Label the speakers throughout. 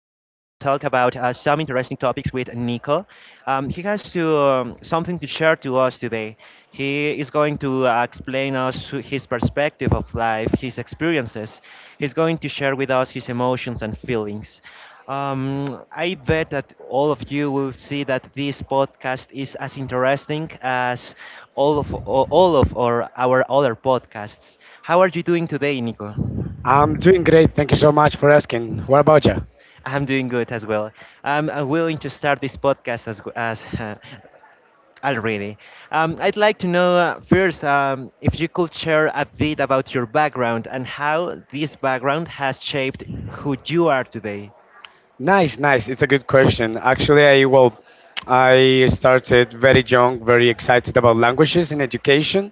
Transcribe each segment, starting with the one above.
Speaker 1: talk about some interesting topics with Nico. He has to, something to share to us today. He is going to explain us his perspective of life, his experiences. He's going to share with us his emotions and feelings. I bet that all of you will see that this podcast is as interesting as all of all of our other podcasts. How are you doing today, Nico?
Speaker 2: I'm doing great. Thank you so much for asking. What about you?
Speaker 1: I'm doing good as well. I'm willing to start this podcast as as already. I'd like to know first if you could share a bit about your background and how this background has shaped who you are today.
Speaker 2: Nice, nice. It's a good question. Actually, I I started very young, very excited about languages and education,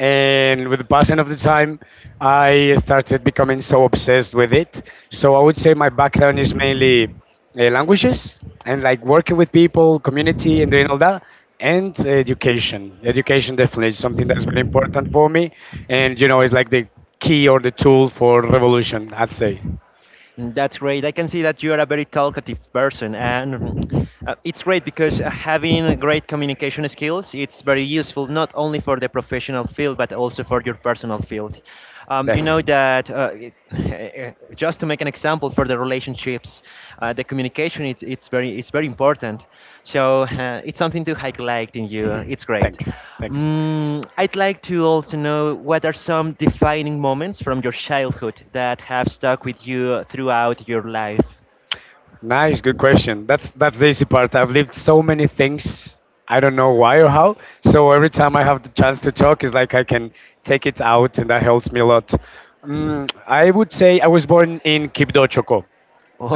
Speaker 2: and with the passing of the time, I started becoming so obsessed with it. So I would say my background is mainly languages and like working with people, community, and doing all that, and education. Education definitely is something that's very important for me, and you know, it's like the key or the tool for revolution. I'd say
Speaker 1: Mm, that's great. I can see that you are a very talkative person, and it's great because having great communication skills, it's very useful not only for the professional field but also for your personal field. You know
Speaker 2: definitely.
Speaker 1: that just to make an example for the relationships, the communication it's very it's very important. So it's something to highlight in you. It's great.
Speaker 2: Thanks, thanks.
Speaker 1: Mm, I'd like to also know what are some defining moments from your childhood that have stuck with you throughout your life.
Speaker 2: Nice, good question. That's the easy part. I've lived so many things. I don't know why or how, so every time I have the chance to talk, it's like I can take it out and that helps me a lot. I would say I was born in Quibdó choco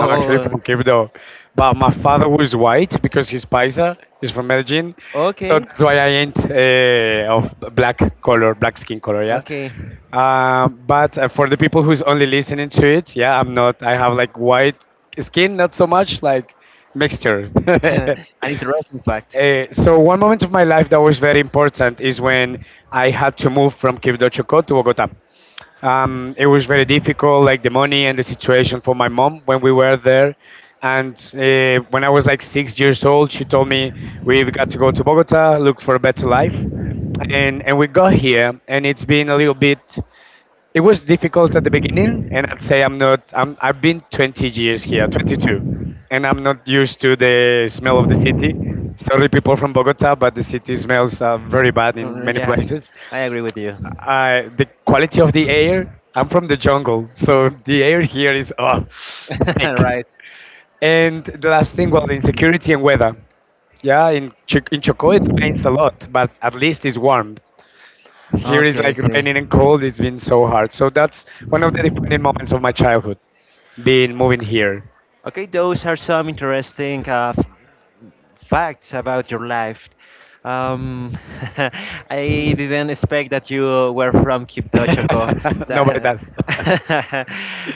Speaker 2: I'm actually from Kivdo, but my father was white because he's Paisa, he's from Medellin, so
Speaker 1: okay,
Speaker 2: that's why I ain't of black color, black skin color, yeah.
Speaker 1: okay.
Speaker 2: But for the people who's only listening to it, yeah, I'm not. I have like white skin, not so much, like mixture.
Speaker 1: An interesting fact.
Speaker 2: So one moment of my life that was very important is when I had to move from Quibdó Chocó to Bogotá. It was very difficult, like the money and the situation for my mom when we were there. And when I was like 6 years old, she told me we've got to go to Bogota, look for a better life, and we got here, and it's been a little bit. It was difficult at the beginning, and I'd say I'm not. I'm, I've been 20 years here, 22, and I'm not used to the smell of the city. Sorry, people from Bogota, but the city smells very bad in many
Speaker 1: Yeah,
Speaker 2: places.
Speaker 1: I agree with you.
Speaker 2: I, the quality of the air. I'm from the jungle, so the air here is thick.
Speaker 1: Right.
Speaker 2: And the last thing, well, insecurity and weather. Yeah, in in Chocó it rains a lot, but at least it's warm. Here is
Speaker 1: Okay, I
Speaker 2: like
Speaker 1: see.
Speaker 2: raining and cold. It's been so hard. So that's one of the defining moments of my childhood, being moving here.
Speaker 1: Okay, those are some interesting facts about your life. Um, I didn't expect that you were from Quibdó, Chocó.
Speaker 2: Nobody
Speaker 1: That,
Speaker 2: does.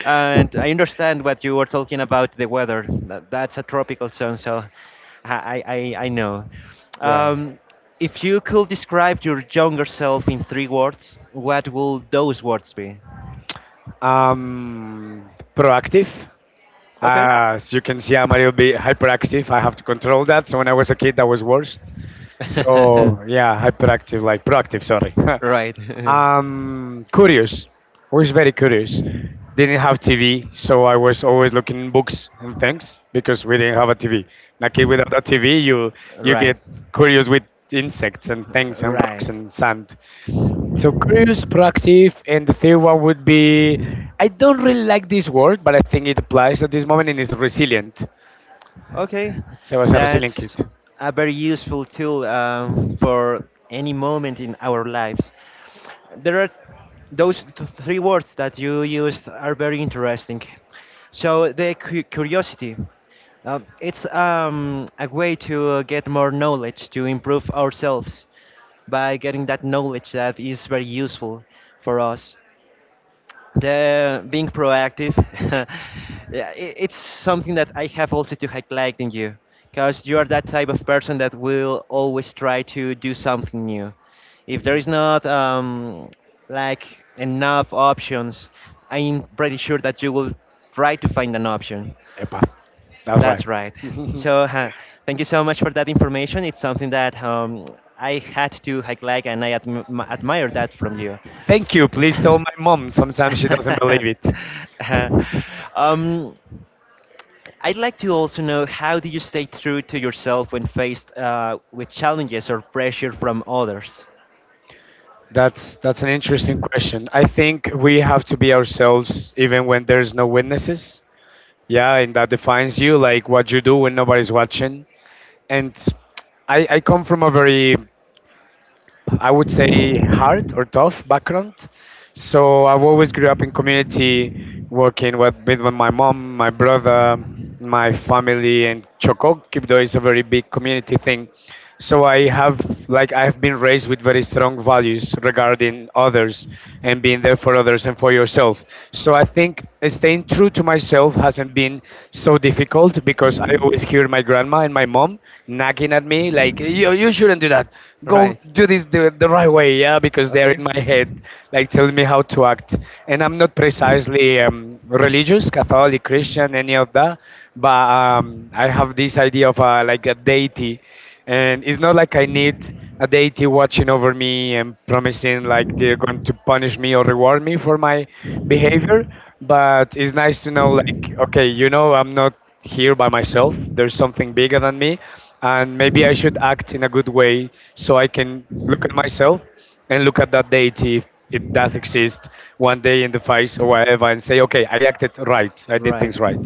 Speaker 1: and I understand what you were talking about the weather. That's a tropical zone, so I know.
Speaker 2: Yeah.
Speaker 1: Um, if you could describe your younger self in three words, what will those words be?
Speaker 2: Um, proactive.
Speaker 1: Okay.
Speaker 2: As you can see, I'm a little bit hyperactive. I have to control that. So when I was a kid, that was worse. So yeah, hyperactive, like proactive. Sorry.
Speaker 1: Right.
Speaker 2: Curious. Always very curious. Didn't have TV, so I was always looking in books and things because we didn't have a TV. And a kid without a TV, you
Speaker 1: Right.
Speaker 2: get curious with insects and things and rocks
Speaker 1: Right.
Speaker 2: and sand. So curious, proactive, and the third one would be I don't really like this word, but I think it applies at this moment and it's resilient.
Speaker 1: Okay,
Speaker 2: So I was a resilient kid.
Speaker 1: that's a very useful tool for any moment in our lives. There are those three words that you used are very interesting. So the curiosity, it's a way to get more knowledge to improve ourselves by getting that knowledge that is very useful for us, the being proactive. Yeah, I it's something that I have also to highlight in you because you are that type of person that will always try to do something new. If there
Speaker 2: Hmm.
Speaker 1: is not like enough options, I'm pretty sure that you will try to find an option.
Speaker 2: Epa, that's right.
Speaker 1: That's right. So thank you so much for that information. It's something that I had to like and I admire that from you.
Speaker 2: Thank you. Please tell my mom. Sometimes she doesn't believe it.
Speaker 1: um, I'd like to also know, how do you stay true to yourself when faced with challenges or pressure from others?
Speaker 2: That's an interesting question. I think we have to be ourselves even when there's no witnesses. Yeah, and that defines you, like what you do when nobody's watching. And I come from a very I would say, hard or tough background. So I've always grew up in community, working with my mom, my brother, my family, and Choco Kipdo is a very big community thing. So I have, like, I have been raised with very strong values regarding others and being there for others and for yourself. So I think staying true to myself hasn't been so difficult because I always hear my grandma and my mom nagging at me like you shouldn't do that. Go
Speaker 1: Right.
Speaker 2: do this the right way, yeah, because they're
Speaker 1: Okay.
Speaker 2: in my head, like telling me how to act. And I'm not precisely religious, Catholic, Christian, any of that, but I have this idea of like a deity, and it's not like I need a deity watching over me and promising like they're going to punish me or reward me for my behavior, but it's nice to know like, okay, you know, I'm not here by myself. There's something bigger than me and maybe I should act in a good way so I can look at myself and look at that deity if it does exist one day in the face or whatever and say okay I acted right, I did
Speaker 1: Right.
Speaker 2: things right.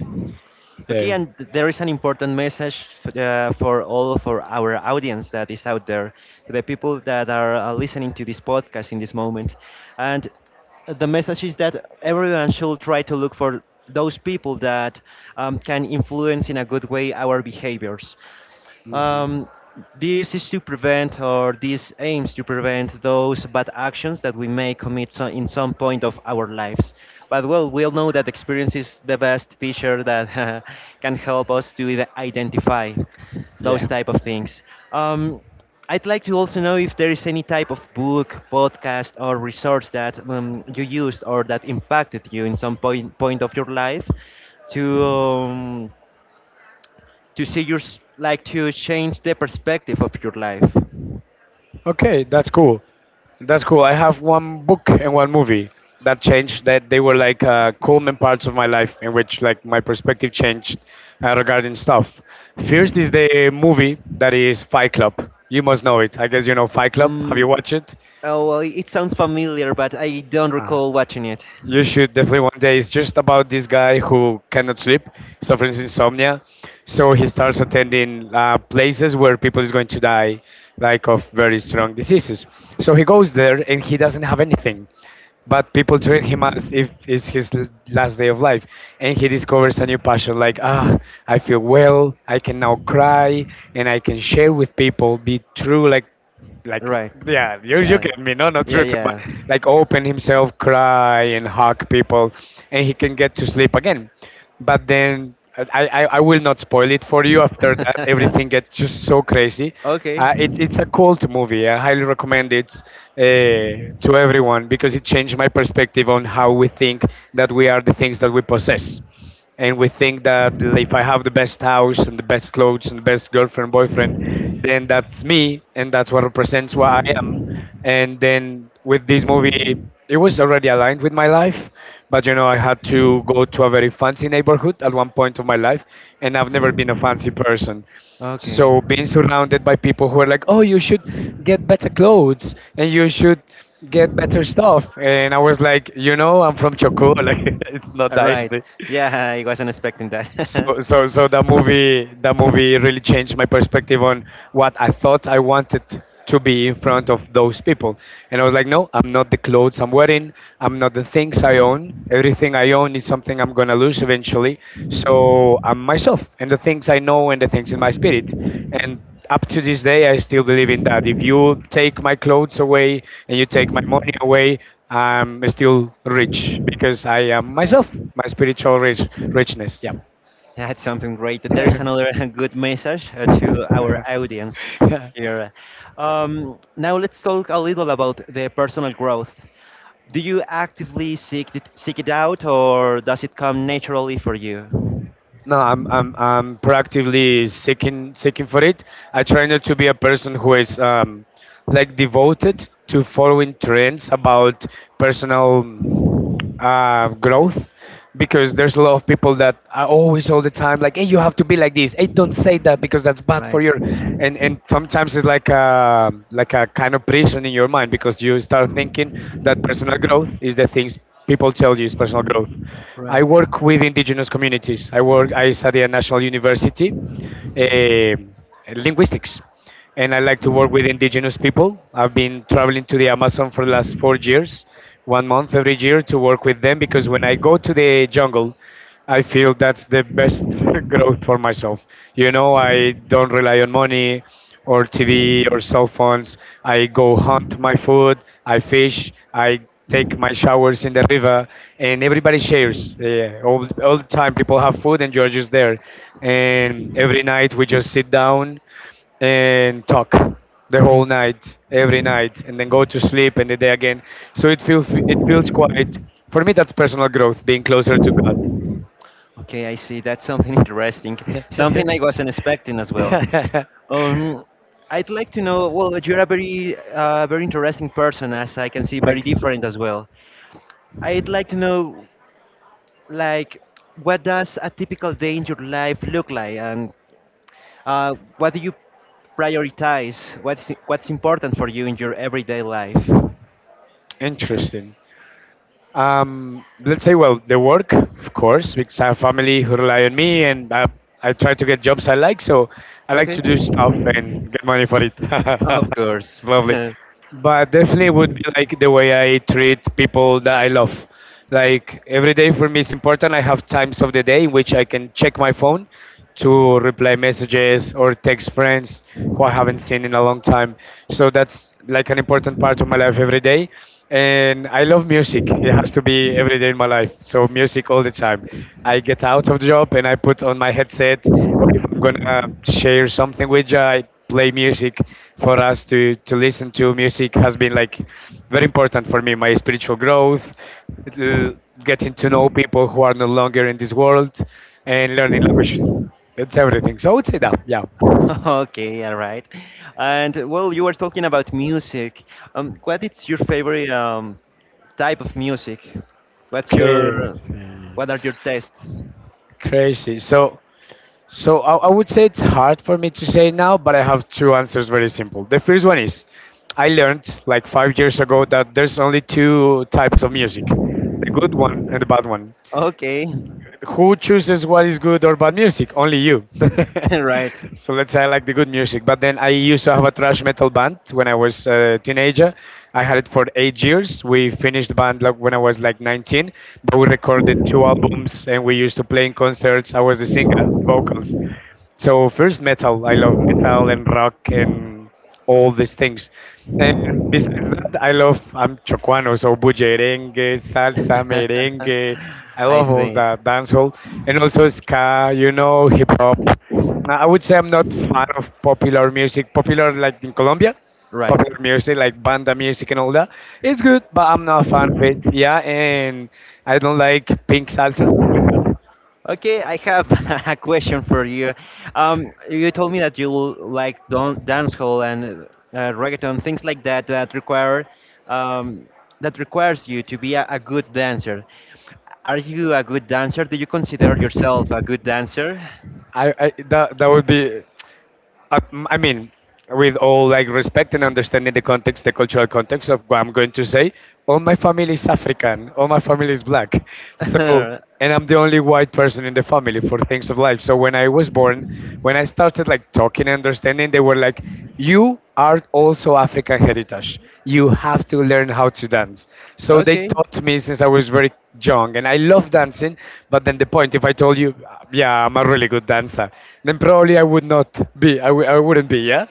Speaker 1: Okay,
Speaker 2: Yeah.
Speaker 1: and there is an important message for all of our audience that is out there, the people that are listening to this podcast in this moment. And the message is that everyone should try to look for those people that can influence in a good way our behaviors.
Speaker 2: Hmm.
Speaker 1: Um, this is to prevent, or this aims to prevent those bad actions that we may commit so in some point of our lives. But well, we all know that experience is the best teacher that can help us to identify those
Speaker 2: Yeah.
Speaker 1: type of things. Um, I'd like to also know if there is any type of book, podcast, or resource that you used or that impacted you in some point of your life to. To see your like to change the perspective of your life.
Speaker 2: Okay, that's cool. That's cool. I have one book and one movie that changed. That they were like culmin parts of my life in which like my perspective changed regarding stuff. First is the movie that is Fight Club. You must know it. I guess you know Fight Club. Have you
Speaker 1: Mm,
Speaker 2: watched it?
Speaker 1: oh well, it sounds familiar, but I don't recall watching it.
Speaker 2: You should definitely one day. It's just about this guy who cannot sleep, suffers insomnia. So he starts attending places where people is going to die, like of very strong diseases. So he goes there and he doesn't have anything, but people treat him as if it's his last day of life. And he discovers a new passion, like, ah, I feel well. I can now cry and I can share with people, be true, like like
Speaker 1: Right.
Speaker 2: you
Speaker 1: Uh,
Speaker 2: get me. No, not
Speaker 1: yeah,
Speaker 2: true, true, but
Speaker 1: yeah.
Speaker 2: like open himself, cry and hug people and he can get to sleep again. But then I will not spoil it for you. After that everything gets just so crazy.
Speaker 1: Okay.
Speaker 2: It's a cult movie. I highly recommend it uh, to everyone because it changed my perspective on how we think that we are the things that we possess and we think that if I have the best house and the best clothes and the best girlfriend, boyfriend, then that's me and that's what represents what I am. And then with this movie, it was already aligned with my life, but you know, I had to go to a very fancy neighborhood at one point of my life, and I've never been a fancy person.
Speaker 1: Okay.
Speaker 2: So being surrounded by people who are like, oh, you should get better clothes and you should get better stuff. And I was like, you know, I'm from Chocó. Like, it's not
Speaker 1: All
Speaker 2: that
Speaker 1: right.
Speaker 2: easy.
Speaker 1: Yeah, I wasn't expecting that.
Speaker 2: So the movie really changed my perspective on what I thought I wanted to be in front of those people. And I was like, no, I'm not the clothes I'm wearing. I'm not the things I own. Everything I own is something I'm gonna lose eventually. So I'm myself and the things I know and the things in my spirit. And up to this day, I still believe in that. If you take my clothes away and you take my money away, I'm still rich because I am
Speaker 1: Right.
Speaker 2: myself, my spiritual rich, richness. Yeah,
Speaker 1: That's something great. There is
Speaker 2: no,
Speaker 1: another good message to our audience here. Now let's talk a little about the personal growth. Do you actively seek it out, or does it come naturally for you?
Speaker 2: I'm proactively seeking for it. I try not to be a person who is like devoted to following trends about personal growth because there's a lot of people that are always all the time like, hey, you have to be like this, hey, don't say that because that's bad for
Speaker 1: Right,
Speaker 2: your and sometimes it's like a kind of prison in your mind because you start thinking that personal growth is the things people tell you is personal growth. I
Speaker 1: right.
Speaker 2: work with indigenous communities. I work, I study at national university, um linguistics, and I like to work with indigenous people. I've been traveling to the Amazon for the last 4 years, 1 month every year to work with them because when I go to the jungle, I feel that's the best growth for myself. You know, I don't rely on money or TV or cell phones. I go hunt my food, I fish, I take my showers in the river, and everybody shares. Yeah, all the time, people have food, and you're just there. And every night, we just sit down and talk the whole night, every night, and then go to sleep and the day again. So it feels quite. For me, that's personal growth, being closer to God.
Speaker 1: Okay, I see. That's something interesting. Something I wasn't expecting as well. Um, I'd like to know. Well, you're a very, very interesting person, as I can see, very
Speaker 2: Thanks.
Speaker 1: different as well. I'd like to know like what does a typical day in your life look like, and what do you prioritize, what's important for you in your everyday life?
Speaker 2: Interesting. Let's say, well, the work, of course, because I have family who rely on me, and I try to get jobs I like, so I like
Speaker 1: Okay,
Speaker 2: to do stuff and get money for it.
Speaker 1: of course.
Speaker 2: It's lovely, but definitely it would be like the way I treat people that I love. Like every day for me is important. I have times of the day in which I can check my phone to reply messages or text friends who I haven't seen in a long time. So that's like an important part of my life every day. And I love music. It has to be every day in my life. So music all the time. I get out of the job and I put on my headset, or if I'm gonna share something with you, I play music for us to listen to. Music has been like very important for me, my spiritual growth, uh, getting to know people who are no longer in this world and learning languages. That's everything. So I would say that, yeah,
Speaker 1: Okay, all right. And well, you were talking about music. What is your favorite type of music? what's your
Speaker 2: crazy,
Speaker 1: what are your tastes?
Speaker 2: crazy. So I would say it's hard for me to say now, but I have two answers, very simple. The first one is I learned like 5 years ago that there's only two types of music, the good one and the bad one.
Speaker 1: Okay.
Speaker 2: Who chooses what is good or bad music? Only you.
Speaker 1: Right.
Speaker 2: So let's say I like the good music, but then I used to have a thrash metal band when I was a teenager. I had it for 8 years. We finished the band like when I was like 19, but we recorded two albums and we used to play in concerts. I was the singer, the vocals. So first, metal. I love metal and rock and all these things. And besides that, I love, I'm chocuano, so bullerengue, salsa, merengue. I
Speaker 1: I
Speaker 2: love all
Speaker 1: see.
Speaker 2: that, dancehall and also ska. You know, hip hop. Now, I would say I'm not fan of popular music. Popular like in Colombia,
Speaker 1: Right.
Speaker 2: popular music like banda music and all that. It's good, but I'm not a fan of it. Yeah, and I don't like pink salsa.
Speaker 1: Okay, I have a question for you. You told me that you like don dancehall and reggaeton, things like that that require um, that requires you to be a good dancer. Are you a good dancer? Do you consider yourself a good dancer?
Speaker 2: I that would be, I, I mean, with all like respect and understanding the context, the cultural context of what I'm going to say, all my family is African, all my family is black. So, and I'm the only white person in the family for things of life. So when I was born, when I started like talking and understanding, they were like, you are also African heritage. You have to learn how to dance. So they
Speaker 1: Okay,
Speaker 2: taught me since I was very young, and I love dancing. But then the point, if I told you, yeah, I'm a really good dancer, then probably I would not be. I wouldn't be. Yeah,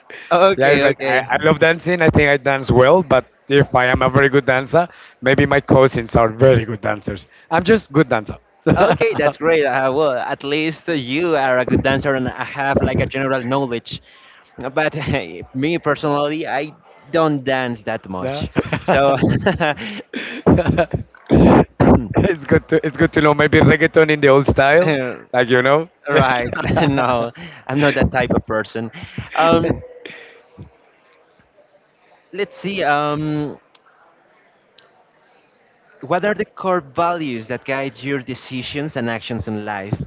Speaker 2: yeah.
Speaker 1: okay,
Speaker 2: It's like I,
Speaker 1: okay.
Speaker 2: I love dancing. I think I dance well, but if I am a very good dancer, maybe my cousins are very good dancers. I'm just good dancer.
Speaker 1: Okay, that's great. Well, at least you are a good dancer and have like a general knowledge. But me personally, I don't dance that
Speaker 2: No?
Speaker 1: much. So,
Speaker 2: It's good to know maybe reggaeton in the old style,
Speaker 1: Uh,
Speaker 2: like you know.
Speaker 1: right, no, I'm not that type of person. Um, let's see. What are the core values that guide your decisions and actions in life?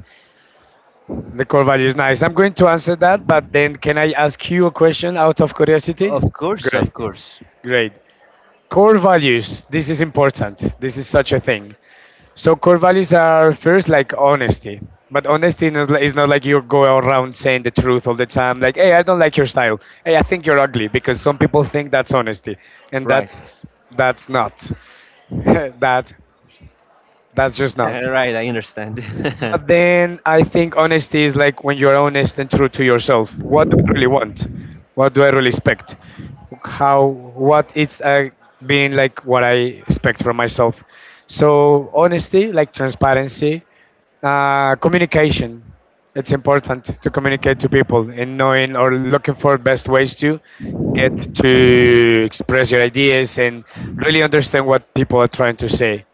Speaker 2: The core value is nice. I'm going to answer that, but then can I ask you a question out of curiosity?
Speaker 1: Of course, of
Speaker 2: Great.
Speaker 1: course.
Speaker 2: Great. Core values. This is important. This is such a thing. So core values are first like honesty. But honesty is not like you go around saying the truth all the time. Like, hey, I don't like your style. Hey, I think you're ugly, because some people think that's honesty, and
Speaker 1: Right,
Speaker 2: that's not. that that's just not.
Speaker 1: right. I understand.
Speaker 2: But then I think honesty is like when you're honest and true to yourself. What do I really want? What do I really expect? How What is, being like what I expect from myself? So honesty, like transparency, communication. It's important to communicate to people and knowing or looking for best ways to get to express your ideas and really understand what people are trying to say.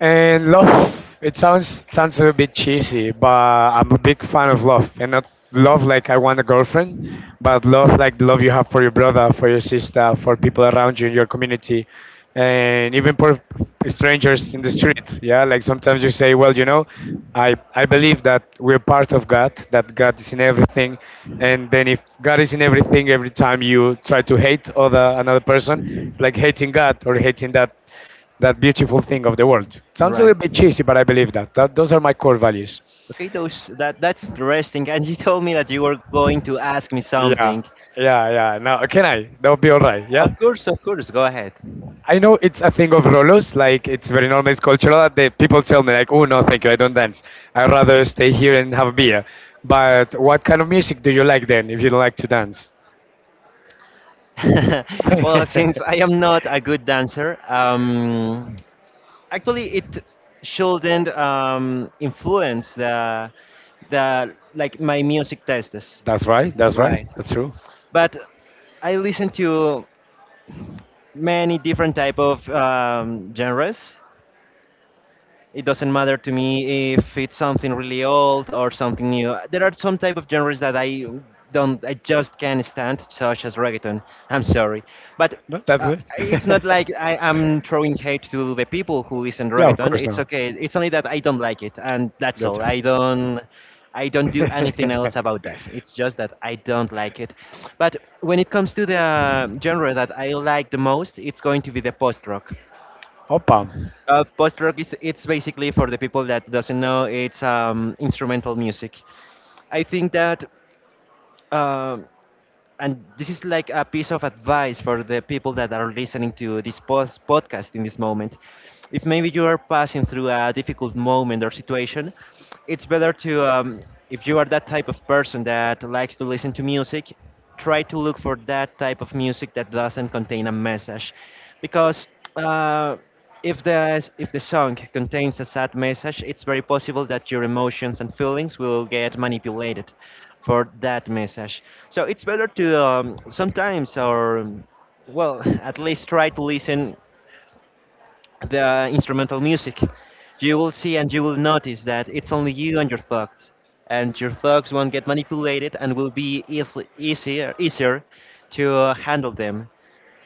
Speaker 2: And love, it sounds a bit cheesy, but I'm a big fan of love, and not love like I want a girlfriend, but love like the love you have for your brother, for your sister, for people around you in your community, and even for strangers in the street. Yeah, like sometimes you say, well, you know, I believe that we're part of God, that God is in everything, and then if God is in everything, every time you try to hate other another person, it's like hating God or hating that beautiful thing of the world. Sounds a
Speaker 1: Right.
Speaker 2: little bit cheesy, but I believe that. Those are my core values.
Speaker 1: Okay, those that that's interesting. And you told me that you were going to ask me
Speaker 2: Yeah,
Speaker 1: something.
Speaker 2: yeah, yeah. Now, can I? That would be all right. Yeah.
Speaker 1: Of course, of course. Go ahead.
Speaker 2: I know it's a thing of Rolos, like it's very normal, it's cultural. That they, people tell me like, "Oh no, thank you, I don't dance. I'd rather stay here and have a beer." But what kind of music do you like then, if you don't like to dance?
Speaker 1: Well, since I am not a good dancer, actually, it shouldn't influence the like my music tastes,
Speaker 2: That's right. That's right.
Speaker 1: right?
Speaker 2: That's true.
Speaker 1: But I listen to many different type of genres. It doesn't matter to me if it's something really old or something new. There are some type of genres that I don't, I just can't stand, such as reggaeton. I'm sorry, but
Speaker 2: No, that's
Speaker 1: uh,
Speaker 2: it.
Speaker 1: it's not like I am throwing hate to the people who listen to
Speaker 2: Yeah, of
Speaker 1: reggaeton.
Speaker 2: course
Speaker 1: It's
Speaker 2: not.
Speaker 1: okay. It's only that I don't like it, and that's all.
Speaker 2: Gotcha.
Speaker 1: I don't. I don't do anything else about that. It's just that I don't like it. But when it comes to the genre that I like the most, it's going to be the post rock.
Speaker 2: Opa,
Speaker 1: Post rock is, it's basically for the people that doesn't know, it's instrumental music. I think that, um, and this is like a piece of advice for the people that are listening to this post podcast in this moment. If maybe you are passing through a difficult moment or situation, it's better to, if you are that type of person that likes to listen to music, try to look for that type of music that doesn't contain a message because. Uh, if the song contains a sad message, it's very possible that your emotions and feelings will get manipulated for that message. So it's better to sometimes or well, at least try to listen the instrumental music. You will see and you will notice that it's only you and your thoughts won't get manipulated and will be easily easier to handle them.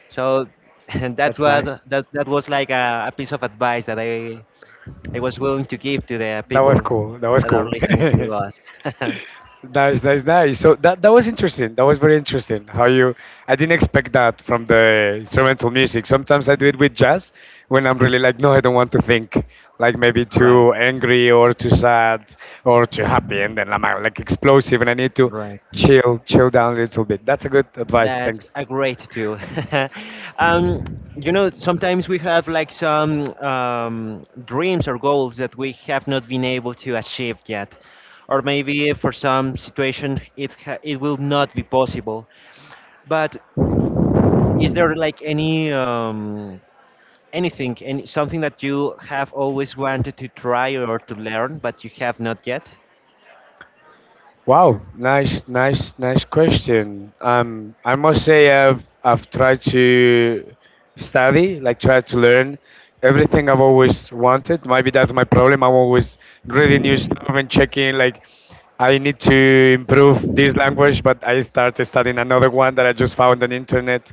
Speaker 1: So and that's
Speaker 2: that's
Speaker 1: what
Speaker 2: nice.
Speaker 1: that was like a piece of advice that I was willing to give to the
Speaker 2: That was
Speaker 1: people
Speaker 2: cool. That was
Speaker 1: that are
Speaker 2: cool.
Speaker 1: listening to us.
Speaker 2: Nice, nice, nice. So that was interesting. That was very interesting. How you? I didn't expect that from the instrumental music. Sometimes I do it with jazz when I'm really like, no, I don't want to think. Like maybe
Speaker 1: Right,
Speaker 2: too angry or too sad or too happy, and then I'm, like explosive, and I need to
Speaker 1: right.
Speaker 2: chill, chill down a little bit. That's a good advice.
Speaker 1: That's
Speaker 2: Thanks.
Speaker 1: a great tool. um, you know, sometimes we have like some dreams or goals that we have not been able to achieve yet, or maybe for some situation it will not be possible. But is there like any anything, any something that you have always wanted to try or to learn, but you have not yet?
Speaker 2: Wow, nice, nice, nice question. I must say I've tried to study, like try to learn everything I've always wanted. Maybe that's my problem. I'm always reading new stuff and checking. Like, I need to improve this language, but I started studying another one that I just found on internet.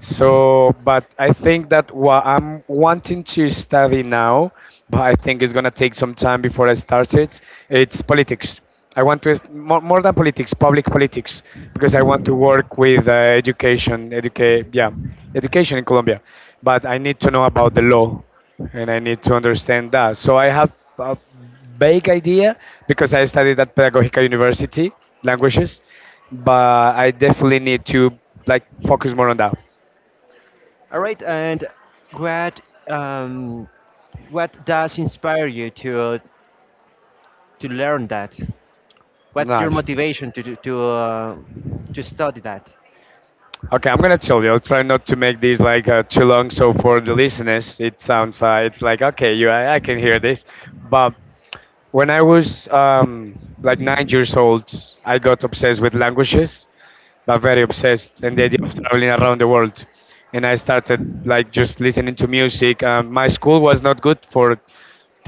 Speaker 2: So, but I think that what I'm wanting to study now, but I think it's gonna take some time before I start it. It's politics. I want to more, than politics, public politics, because I want to work with, education, educate, yeah, education in Colombia. But I need to know about the law, and I need to understand that. So I have a vague idea because I studied at Pedagogica University languages, but I definitely need to like focus more on that.
Speaker 1: All right, and what um, what does inspire you to learn that? What's your
Speaker 2: Nice.
Speaker 1: motivation to to study that?
Speaker 2: Okay, I'm gonna tell you. I'll try not to make this like, too long, so for the listeners, it sounds, it's like okay, you I can hear this, but when I was like 9 years old, I got obsessed with languages, but very obsessed, and the idea of traveling around the world. And I started like just listening to music. My school was not good for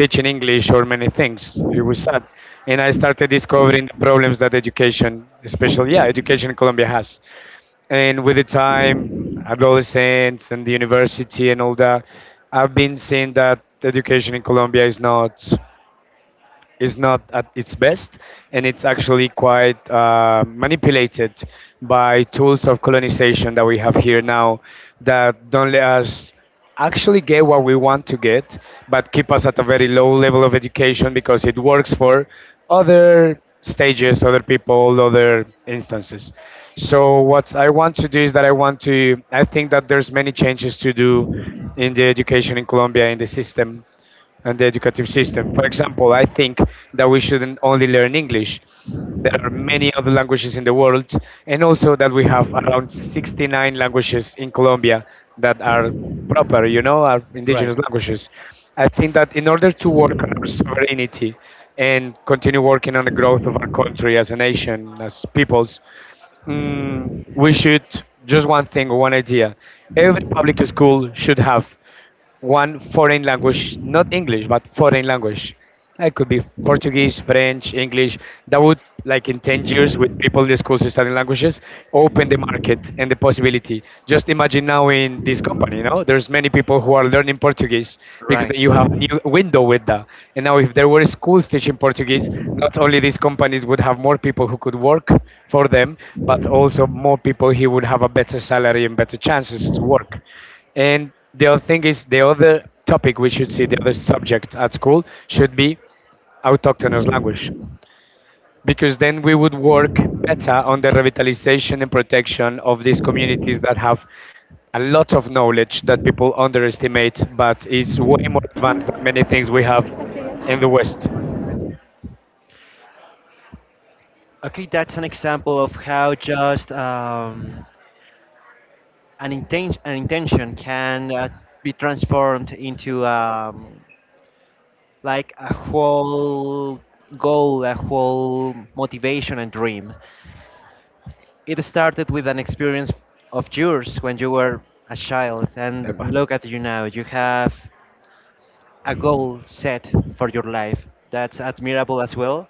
Speaker 2: teaching English or many things. It was sad. And I started discovering the problems that education, especially, yeah, education in Colombia has. And with the time, adolescence and the university and all that, I've been seeing that education in Colombia is not at its best, and it's actually quite, manipulated by tools of colonization that we have here now that don't let us actually get what we want to get, but keep us at a very low level of education because it works for other stages, other people, other instances. So what I want to do is that I want to I think that there's many changes to do in the education in Colombia, in the system and the educative system. For example, I think that we shouldn't only learn English. There are many other languages in the world, and also that we have around 69 languages in Colombia that are proper, you know, are
Speaker 1: Right,
Speaker 2: indigenous languages. I think that in order to work on our sovereignty and continue working on the growth of our country as a nation, as peoples, mm, we should just one thing, one idea. Every public school should have one foreign language, not English, but foreign language. It could be Portuguese, French, English. That would, like in 10 years, with people in the schools studying languages, open the market and the possibility. Just imagine now in this company, you know, there's many people who are learning Portuguese because
Speaker 1: right.
Speaker 2: you have a new window with that. And now, if there were schools teaching Portuguese, not only these companies would have more people who could work for them, but also more people who would have a better salary and better chances to work. And the other thing is the other subject at school should be autochthonous language. Because then we would work better on the revitalization and protection of these communities that have a lot of knowledge that people underestimate, but is way more advanced than many things we have in the West.
Speaker 1: Okay, that's an example of how just an intention can be transformed into like a whole goal, a whole motivation and dream. It started with an experience of yours when you were a child,
Speaker 2: Epa.
Speaker 1: and look at you now. You have a goal set for your life. That's admirable as well,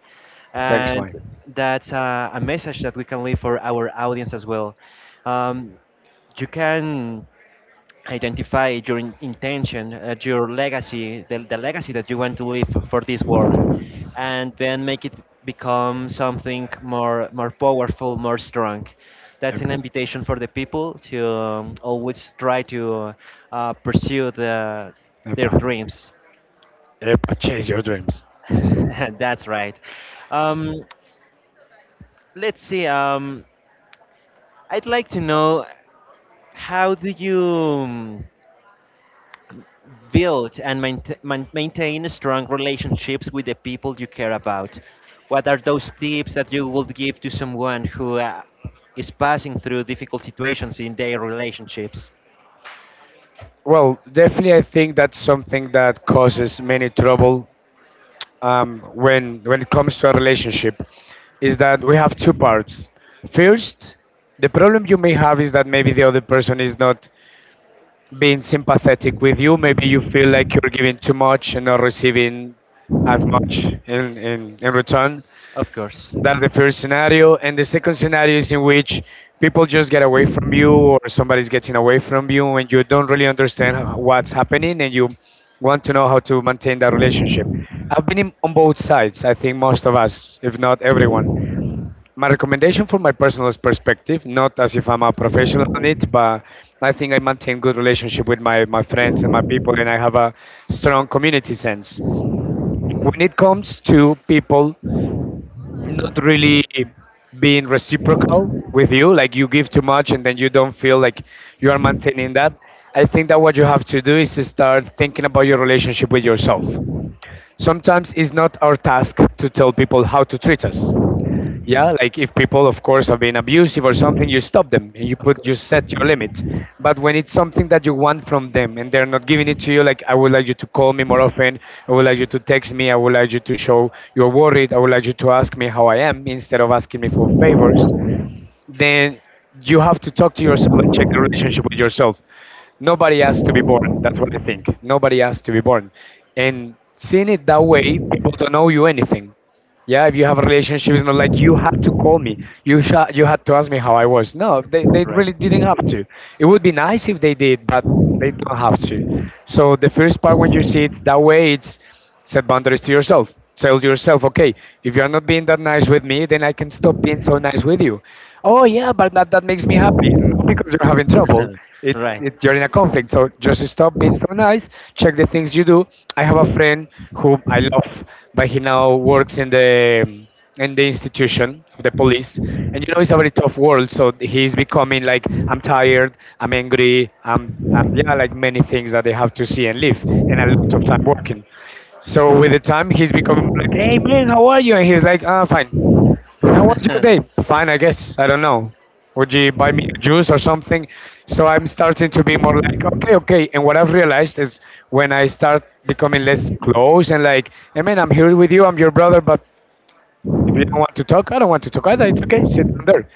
Speaker 2: Thanks,
Speaker 1: and
Speaker 2: Mike.
Speaker 1: that's a message that we can leave for our audience as well. Um, you can identify your intention, your legacy, the legacy that you want to leave for this world, and then make it become something more powerful, more strong. That's an
Speaker 2: Epa.
Speaker 1: invitation for the people to always try to pursue their
Speaker 2: Epa.
Speaker 1: dreams.
Speaker 2: Epa. Chase your dreams.
Speaker 1: That's right. Um, let's see. I'd like to know, how do you build and maintain strong relationships with the people you care about? What are those tips that you would give to someone who is passing through difficult situations in their relationships?
Speaker 2: Well, definitely, I think that's something that causes many trouble, when it comes to a relationship, is that we have two parts. First, the problem you may have is that maybe the other person is not being sympathetic with you. Maybe you feel like you're giving too much and not receiving as much in, in return.
Speaker 1: Of course,
Speaker 2: That's the first scenario. And the second scenario is in which people just get away from you or somebody's getting away from you and you don't really understand what's happening and you want to know how to maintain that relationship. I've been on both sides, I think most of us, if not everyone. My recommendation from my personal perspective, not as if I'm a professional on it, but I think I maintain good relationship with my friends and my people, and I have a strong community sense. When it comes to people not really being reciprocal with you, like you give too much and then you don't feel like you are maintaining that, I think that what you have to do is to start thinking about your relationship with yourself. Sometimes it's not our task to tell people how to treat us. Yeah, like if people, of course, have been abusive or something, you stop them and you
Speaker 1: of
Speaker 2: put you
Speaker 1: course.
Speaker 2: set your limit. But when it's something that you want from them and they're not giving it to you, like I would like you to call me more often, I would like you to text me, I would like you to show you're worried, I would like you to ask me how I am instead of asking me for favors, then you have to talk to yourself and check the relationship with yourself. Nobody has to be born. That's what I think. Nobody has to be born. And seeing it that way, people don't owe you anything. Yeah, if you have a relationship, it's not like you had to call me. You had to ask me how I was. No, they
Speaker 1: Right,
Speaker 2: really didn't have to. It would be nice if they did, but they don't have to. So the first part, when you see it that way, it's set boundaries to yourself. Tell yourself, okay, if you are not being that nice with me, then I can stop being so nice with you. Oh yeah, but that makes me happy, not because you're having trouble. it,
Speaker 1: right.
Speaker 2: it you're in a conflict, so just stop being so nice, check the things you do. I have a friend whom I love, but he now works in the institution of the police, and you know it's a very tough world. So he's becoming like, I'm tired, I'm angry, I'm yeah, like many things that they have to see and live, and a lot of time working. So with the time he's becoming more like, hey man, how are you? And he's like, ah, fine. How was your day? Fine, I guess. I don't know. Would you buy me a juice or something? So I'm starting to be more like, okay, okay. And what I've realized is when I start becoming less close and like, I mean, I'm here with you, I'm your brother, but if you don't want to talk, I don't want to talk either. It's okay. Sit down there.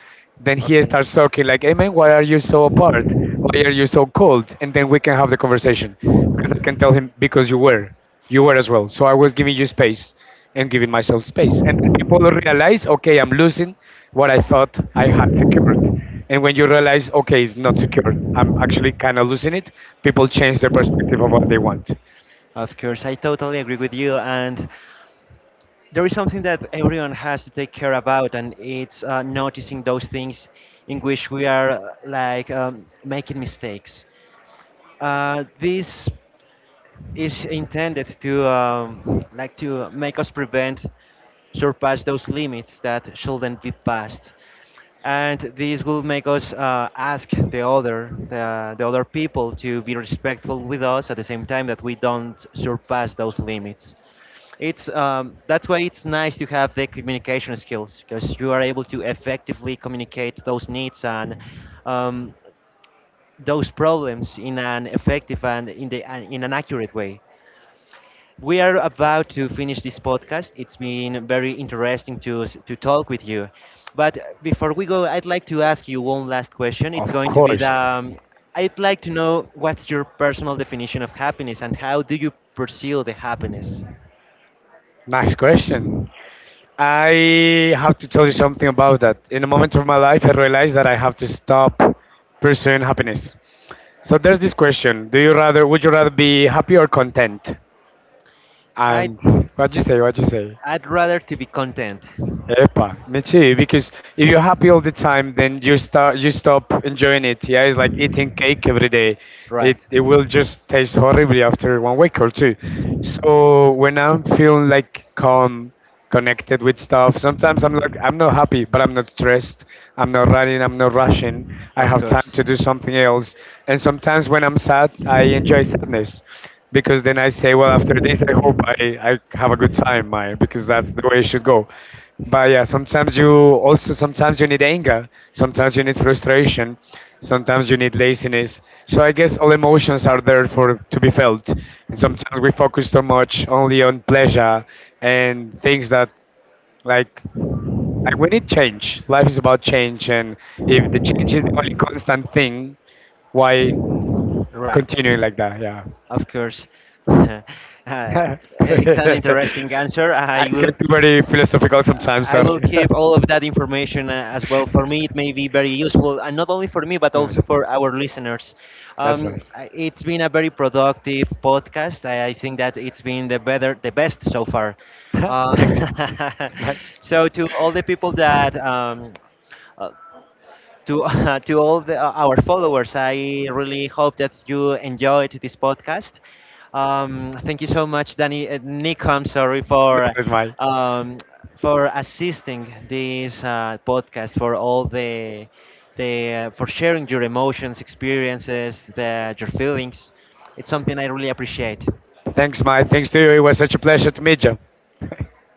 Speaker 2: Then he
Speaker 1: Okay.
Speaker 2: starts talking like, "Hey man, why are you so apart? Why are you so cold?" And then we can have the conversation, because I can tell him, because you were as well. So I was giving you space and giving myself space. And then people realize, okay, I'm losing what I thought I had secured. And when you realize, okay, it's not secured, I'm actually kind of losing it, people change their perspective of what they want.
Speaker 1: Of course, I totally agree with you. And there is something that everyone has to take care about, and it's noticing those things in which we are like making mistakes. This is intended to like to make us prevent surpass those limits that shouldn't be passed, and this will make us ask the other people to be respectful with us at the same time that we don't surpass those limits. It's that's why it's nice to have the communication skills, because you are able to effectively communicate those needs and um, those problems in an effective and and in an accurate way. We are about to finish this podcast. It's been very interesting to, to talk with you. But before we go, I'd like to ask you one last question. It's
Speaker 2: Of
Speaker 1: going to be the
Speaker 2: course.
Speaker 1: I'd like to know, what's your personal definition of happiness and how do you pursue the happiness?
Speaker 2: Nice question. I have to tell you something about that. In a moment of my life, I realized that I have to stop pursuing happiness. So there's this question: do you rather, would you rather be happy or content?
Speaker 1: I'd,
Speaker 2: And what you say? What you say?
Speaker 1: I'd rather to be content.
Speaker 2: Epa, me too. Because if you're happy all the time, then you stop enjoying it. Yeah, it's like eating cake every day. It
Speaker 1: Right.
Speaker 2: it will just taste horribly after one week or two. So when I'm feeling like calm, connected with stuff, sometimes I'm like, I'm not happy, but I'm not stressed. I'm not running. I'm not rushing. I
Speaker 1: Of
Speaker 2: have time
Speaker 1: course.
Speaker 2: to do something else. And sometimes when I'm sad, I enjoy sadness. Because then I say, well, after this, I hope I have a good time, I, because that's the way it should go. But yeah, sometimes you need anger, sometimes you need frustration, sometimes you need laziness. So I guess all emotions are there for to be felt. And sometimes we focus so much only on pleasure and things that like like we need change. Life is about change, and if the change is the only constant thing, why
Speaker 1: Right.
Speaker 2: continuing like that? Yeah.
Speaker 1: Of course. Uh, it's an interesting answer.
Speaker 2: I get too very philosophical sometimes,
Speaker 1: I
Speaker 2: sorry.
Speaker 1: will keep all of that information as well. For me, it may be very useful, and not only for me, but also
Speaker 2: Nice.
Speaker 1: for our listeners.
Speaker 2: That's nice.
Speaker 1: It's been a very productive podcast. I think that it's been the better, the best so far.
Speaker 2: Thanks.
Speaker 1: Uh,
Speaker 2: It's nice.
Speaker 1: so, to all the people that uh, to to all our followers. I really hope that you enjoyed this podcast. Thank you so much, Danny Nick. I'm sorry
Speaker 2: No, it's my.
Speaker 1: um, for assisting this podcast, for all the for sharing your emotions, experiences, your feelings. It's something I really appreciate.
Speaker 2: Thanks, my. Thanks to you. It was such a pleasure to meet you.